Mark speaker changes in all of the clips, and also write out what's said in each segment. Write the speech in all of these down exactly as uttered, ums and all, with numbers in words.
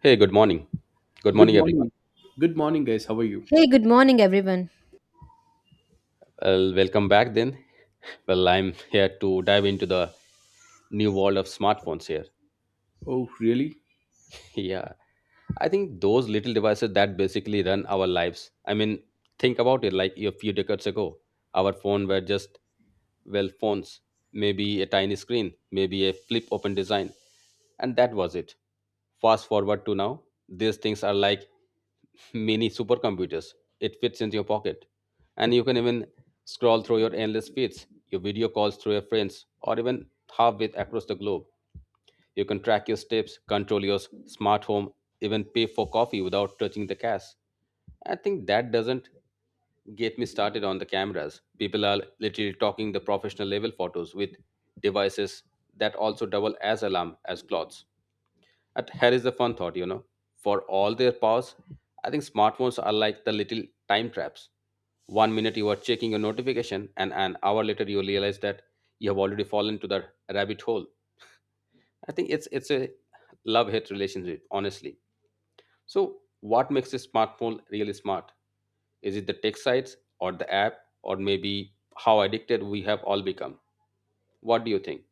Speaker 1: Hey, good morning. Good
Speaker 2: Good
Speaker 1: morning, everyone.
Speaker 2: morning. Good morning, guys. How are you?
Speaker 3: Hey, good morning, everyone.
Speaker 1: Well, welcome back then. Well, I'm here to dive into the new world of smartphones here.
Speaker 2: Oh, really?
Speaker 1: Yeah, I think those little devices that basically run our lives. I mean, think about it, like a few decades ago, our phone were just, well, phones, maybe a tiny screen, maybe a flip open design, and that was it. Fast forward to now, these things are like mini supercomputers. It fits into your pocket, and you can even scroll through your endless feeds, your video calls through your friends, or even halfway across the globe. You can track your steps, control your s- smart home, even pay for coffee without touching the cash. I think that doesn't get me started on the cameras. People are literally talking the professional level photos with devices that also double as alarm as clocks. But here is the fun thought, you know, for all their powers, I think smartphones are like the little time traps. One minute you are checking your notification, and an hour later you realize that you have already fallen to the rabbit hole. I think it's it's a love hate relationship, honestly. So, what makes a smartphone really smart? Is it the tech sites or the app, or maybe how addicted we have all become? What do you think?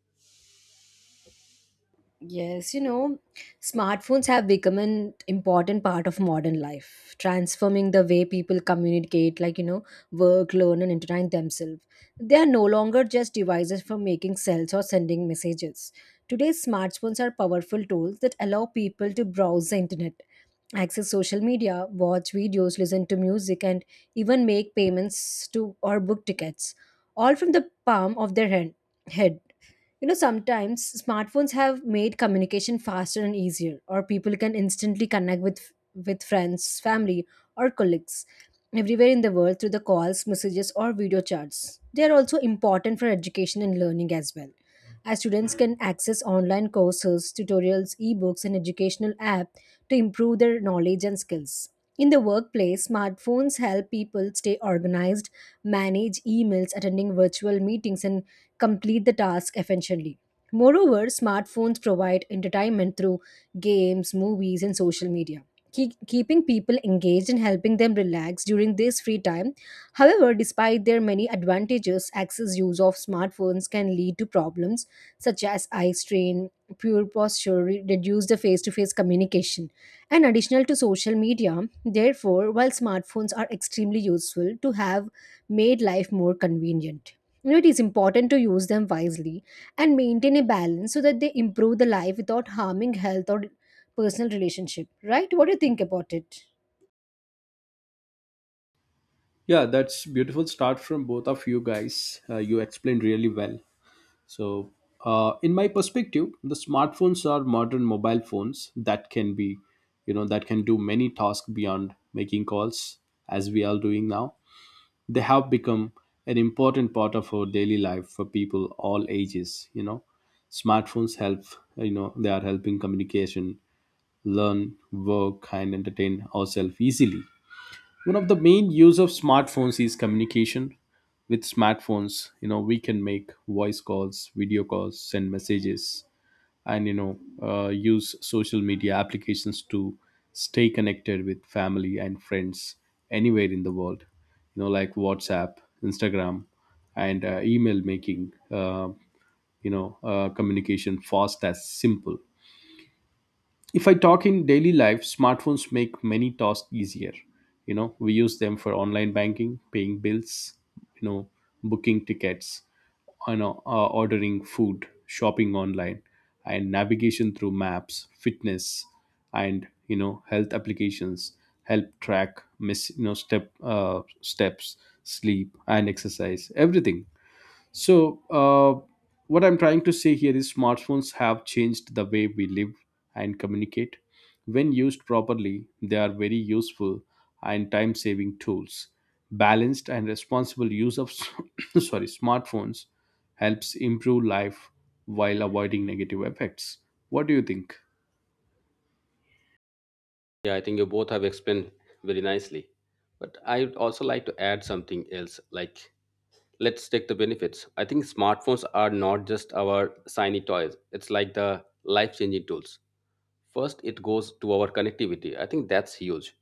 Speaker 3: Yes, you know, smartphones have become an important part of modern life, transforming the way people communicate, like, you know, work, learn, and entertain themselves. They are no longer just devices for making sales or sending messages. Today's smartphones are powerful tools that allow people to browse the internet, access social media, watch videos, listen to music, and even make payments to or book tickets, all from the palm of their hand, head. You know, sometimes smartphones have made communication faster and easier, or people can instantly connect with with friends, family, or colleagues everywhere in the world through the calls, messages, or video chats. They are also important for education and learning as well as students can access online courses, tutorials, ebooks, and educational apps to improve their knowledge and skills. In the workplace, smartphones help people stay organized, manage emails, attending virtual meetings, and complete the task efficiently. Moreover, smartphones provide entertainment through games, movies, and social media, keep, keeping people engaged and helping them relax during this free time. However, despite their many advantages, excess use of smartphones can lead to problems such as eye strain, poor posture, re- reduce the face to face communication. And additional to social media, therefore, while smartphones are extremely useful to have made life more convenient. You know, it is important to use them wisely and maintain a balance so that they improve the life without harming health or personal relationship. Right? What do you think about it?
Speaker 2: Yeah, that's beautiful start from both of you guys. Uh, you explained really well. So, uh, in my perspective, the smartphones are modern mobile phones that can be, you know, that can do many tasks beyond making calls, as we are doing now. They have become an important part of our daily life for people all ages. You know, smartphones help. You know, they are helping communication learn, work, and entertain ourselves easily. One of the main use of smartphones is communication. With smartphones, you know, we can make voice calls, video calls, send messages, and you know, uh, use social media applications to stay connected with family and friends anywhere in the world. You know, like WhatsApp, Instagram, and uh, email making. Uh, you know, uh, communication fast as simple if I talk in daily life smartphones make many tasks easier you know we use them for online banking paying bills you know booking tickets you know uh, ordering food shopping online and navigation through maps fitness and you know health applications help track miss you know step uh, steps sleep and exercise everything. So, uh, what I'm trying to say here is smartphones have changed the way we live and communicate. When used properly, they are very useful and time saving tools. Balanced and responsible use of sorry, smartphones helps improve life while avoiding negative effects. What do you think?
Speaker 1: Yeah, I think you both have explained very nicely. But I would also like to add something else, like let's take the benefits. I think smartphones are not just our shiny toys. It's like the life-changing tools. First, it goes to our connectivity. I think that's huge.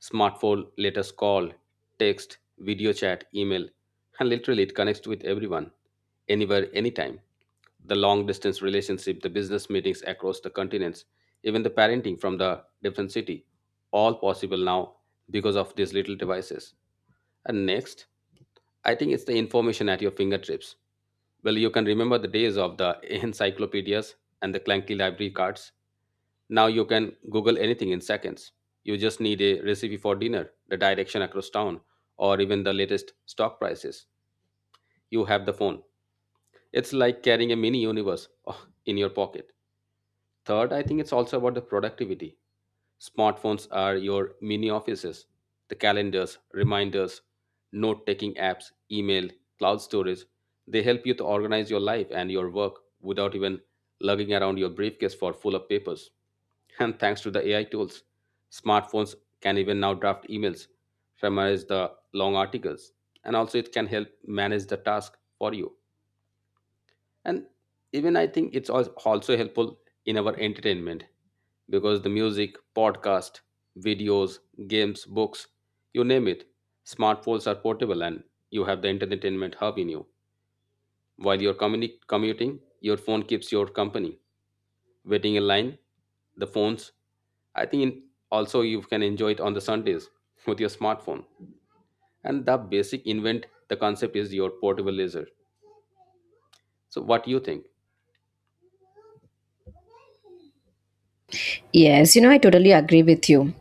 Speaker 1: Smartphone let us call, text, video chat, email, and literally it connects with everyone, anywhere, anytime. The long distance relationship, the business meetings across the continents, even the parenting from the different city, all possible now because of these little devices. And next, I think it's the information at your fingertips. Well, you can remember the days of the encyclopedias and the clunky library cards. Now you can Google anything in seconds. You just need a recipe for dinner, the direction across town, or even the latest stock prices. You have the phone. It's like carrying a mini universe in your pocket. Third, I think it's also about the productivity. Smartphones are your mini offices. The calendars, reminders, note taking apps, email, cloud storage, they help you to organize your life and your work without even lugging around your briefcase for full of papers. And thanks to the A I tools, smartphones can even now draft emails, summarize the long articles, and also it can help manage the task for you, and even I think it's als- also helpful in our entertainment because the music, podcast, videos, games, books, you name it, smartphones are portable, and you have the entertainment hub in you. While you're communi- commuting, your phone keeps your company. Waiting in line, the phones, I think in, also you can enjoy it on the Sundays with your smartphone. And the basic invent, the concept is your portable laser. So what do you think?
Speaker 3: Yes, you know, I totally agree with you.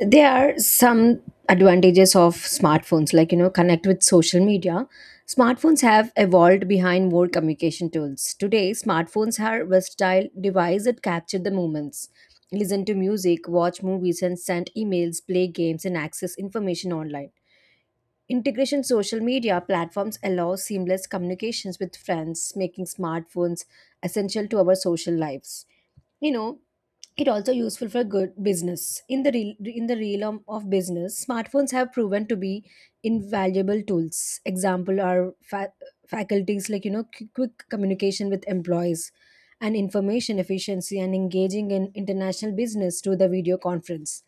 Speaker 3: There are some advantages of smartphones, like, you know, connect with social media. Smartphones have evolved behind more communication tools. Today, smartphones are versatile device that capture the moments, listen to music, watch movies and send emails, play games and access information online. Integration social media platforms allow seamless communications with friends, making smartphones essential to our social lives. You know, it also useful for good business in the real in the realm of business smartphones have proven to be invaluable tools example are fa- faculties like, you know, qu- quick communication with employees and information efficiency and engaging in international business through the video conference.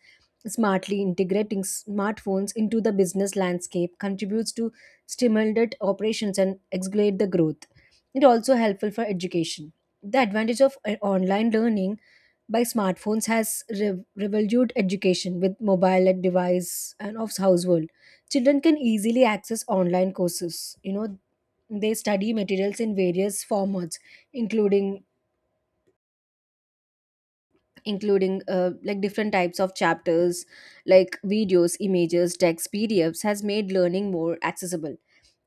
Speaker 3: Smartly integrating smartphones into the business landscape contributes to stimulate operations and accelerate the growth. It also helpful for education. The advantage of uh, online learning by smartphones has rev- revolutionized education with mobile and device and of household. Children can easily access online courses. You know, they study materials in various formats, including including uh, like different types of chapters like videos, images, text, pdfs has made learning more accessible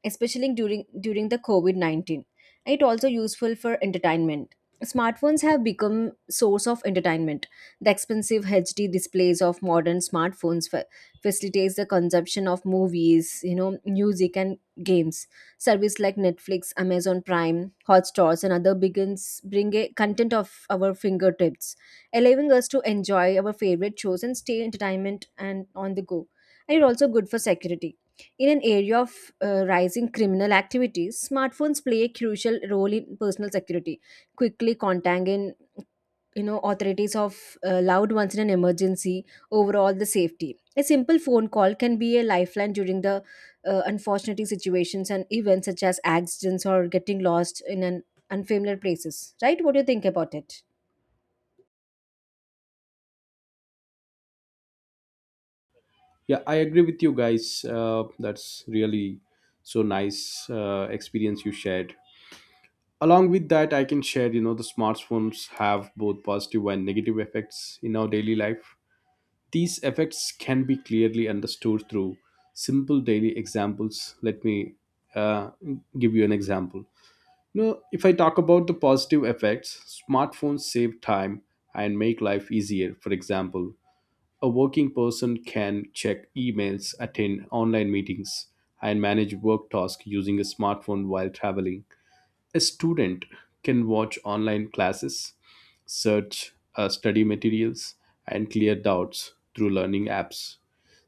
Speaker 3: especially during during the COVID nineteen. It also useful for entertainment. Smartphones have become source of entertainment. The expensive hd displays of modern smartphones fa- facilitates the consumption of movies, you know, music, and games. Service like Netflix, Amazon Prime, Hotstars, and other begins bring a content of our fingertips, allowing us to enjoy our favorite shows and stay entertainment and on the go. And it's also good for security. In an area of uh, rising criminal activities, smartphones play a crucial role in personal security, quickly contacting, you know, authorities of uh, loud ones in an emergency. Overall, the safety. A simple phone call can be a lifeline during the uh, unfortunate situations and events such as accidents or getting lost in an unfamiliar places. Right? What do you think about it?
Speaker 2: Yeah, I agree with you guys. Uh, that's really so nice uh, experience you shared. Along with that I can share you know the smartphones have both positive and negative effects in our daily life. These effects can be clearly understood through simple daily examples. Let me uh, give you an example. You know if I talk about the positive effects smartphones save time and make life easier. For example a working person can check emails attend online meetings and manage work tasks using a smartphone while traveling. A student can watch online classes, search uh, study materials, and clear doubts through learning apps.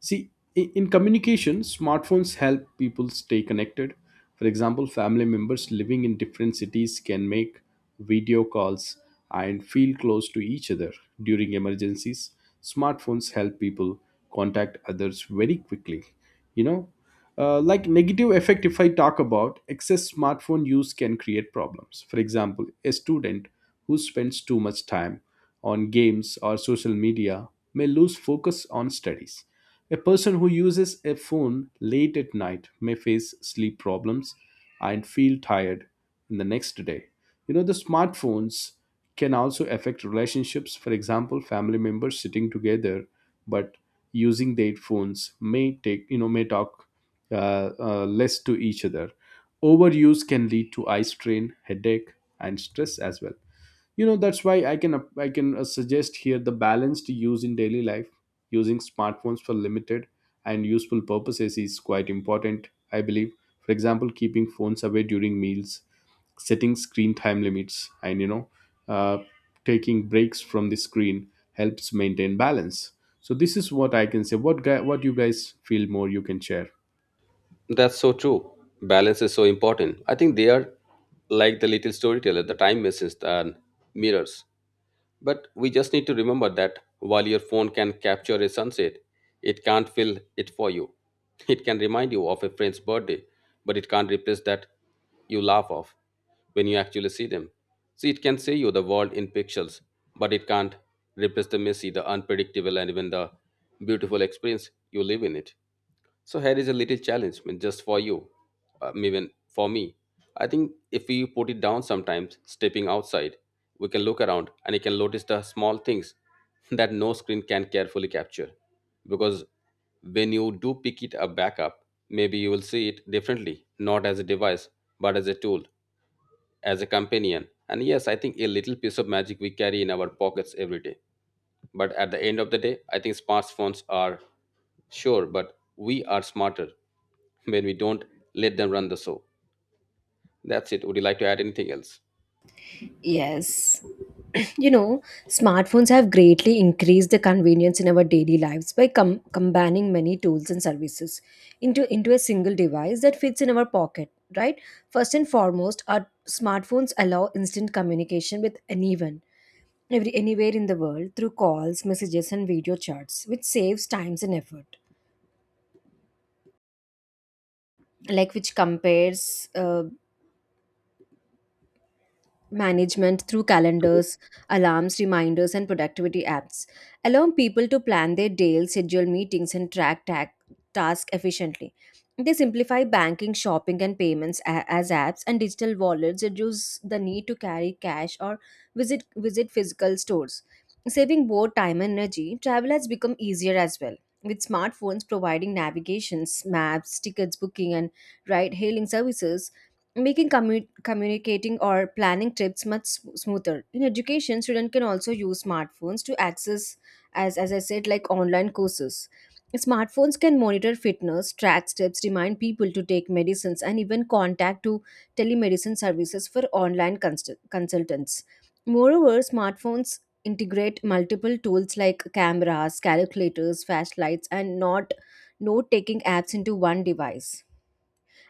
Speaker 2: See, i- in communication, smartphones help people stay connected. For example, family members living in different cities can make video calls and feel close to each other during emergencies. Smartphones help people contact others very quickly. You know, uh, like negative effect if I talk about excess smartphone use can create problems. For example a student who spends too much time on games or social media may lose focus on studies. A person who uses a phone late at night may face sleep problems and feel tired in the next day. You know the smartphones can also affect relationships. For example family members sitting together but using their phones may take you know may talk uh, uh, less to each other. Overuse can lead to eye strain, headache, and stress as well. You know that's why I can I can uh, suggest here the balanced use in daily life. Using smartphones for limited and useful purposes is quite important, I believe. For example, keeping phones away during meals, setting screen time limits, and you know, uh, taking breaks from the screen helps maintain balance. So this is what I can say. What guy, what you guys feel more, you can share.
Speaker 1: That's so true. Balance is so important. I think they are like the little storyteller, the time machines and mirrors. But we just need to remember that while your phone can capture a sunset, it can't fill it for you. It can remind you of a friend's birthday, but it can't replace that you laugh off when you actually see them. See, it can say you the world in pixels, but it can't replace the messy, the unpredictable, and even the beautiful experience you live in it. So here is a little challenge, I mean, just for you, uh, even for me. I think if we put it down sometimes, stepping outside, we can look around and you can notice the small things that no screen can carefully capture. Because when you do pick it up back up, maybe you will see it differently, not as a device, but as a tool, as a companion. And yes, I think a little piece of magic we carry in our pockets every day. But at the end of the day, I think smartphones are sure, but we are smarter when we don't let them run the show. That's it. Would you like to add anything else?
Speaker 3: Yes, you know, smartphones have greatly increased the convenience in our daily lives by com- combining many tools and services into, into a single device that fits in our pocket, right? First and foremost, our smartphones allow instant communication with anyone, every, anywhere in the world through calls, messages, and video chats, which saves times and effort. Like which compares uh, management through
Speaker 1: Mhm.
Speaker 3: calendars, alarms, reminders, and productivity apps, allowing people to plan their days, schedule meetings, and track ta- tasks efficiently. They simplify banking, shopping, and payments a- as apps and digital wallets, reduce the need to carry cash or visit visit physical stores, saving both time and energy. Travel has become easier as well. With smartphones providing navigations, maps, tickets booking, and ride-hailing services, making commu- communicating or planning trips much sm- smoother. In education students can also use smartphones to access, as as I said, like online courses. Smartphones can monitor fitness, track steps, remind people to take medicines, and even contact to telemedicine services for online consul- consultants. Moreover, smartphones integrate multiple tools like cameras, calculators, flashlights, and not note taking apps into one device.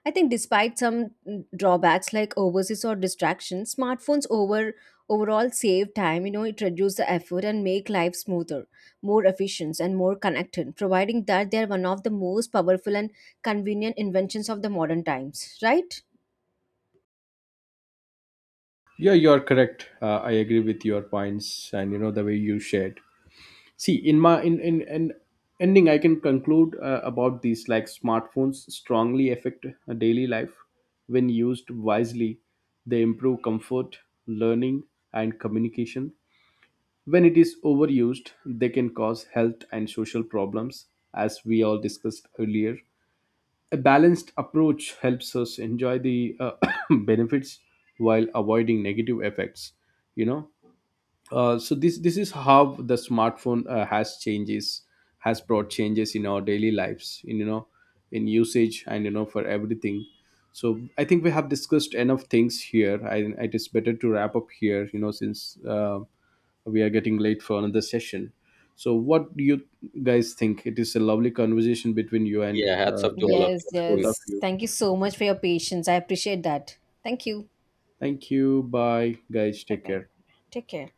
Speaker 3: I think despite some mm, drawbacks like overseas or distractions, smartphones over overall save time, you know, it reduces the effort and make life smoother, more efficient and more connected, providing that they're one of the most powerful and convenient inventions of the modern times, right?
Speaker 2: Yeah, you are correct. Uh, I agree with your points and you know the way you shared. See, in my in in, in ending, I can conclude uh, about these like smartphones strongly affect daily life when used wisely. They improve comfort, learning, and communication. When it is overused, they can cause health and social problems, as we all discussed earlier. A balanced approach helps us enjoy the uh, benefits while avoiding negative effects. You know, uh, so this this is how the smartphone uh, has changes has brought changes in our daily lives in you know in usage and you know for everything. So I think we have discussed enough things here. I, it is better to wrap up here you know since uh, we are getting late for another session. So what do you guys think, it is a lovely conversation between you and
Speaker 1: Yeah, hats
Speaker 2: uh,
Speaker 1: off to
Speaker 2: with
Speaker 1: all of
Speaker 3: Yes,
Speaker 1: you. I
Speaker 2: both of
Speaker 3: yes.
Speaker 2: you.
Speaker 3: Thank you so much for your patience. I appreciate that. Thank you.
Speaker 2: Thank you, bye guys,
Speaker 3: Bye
Speaker 2: take
Speaker 3: bye.
Speaker 2: care.
Speaker 3: Take care.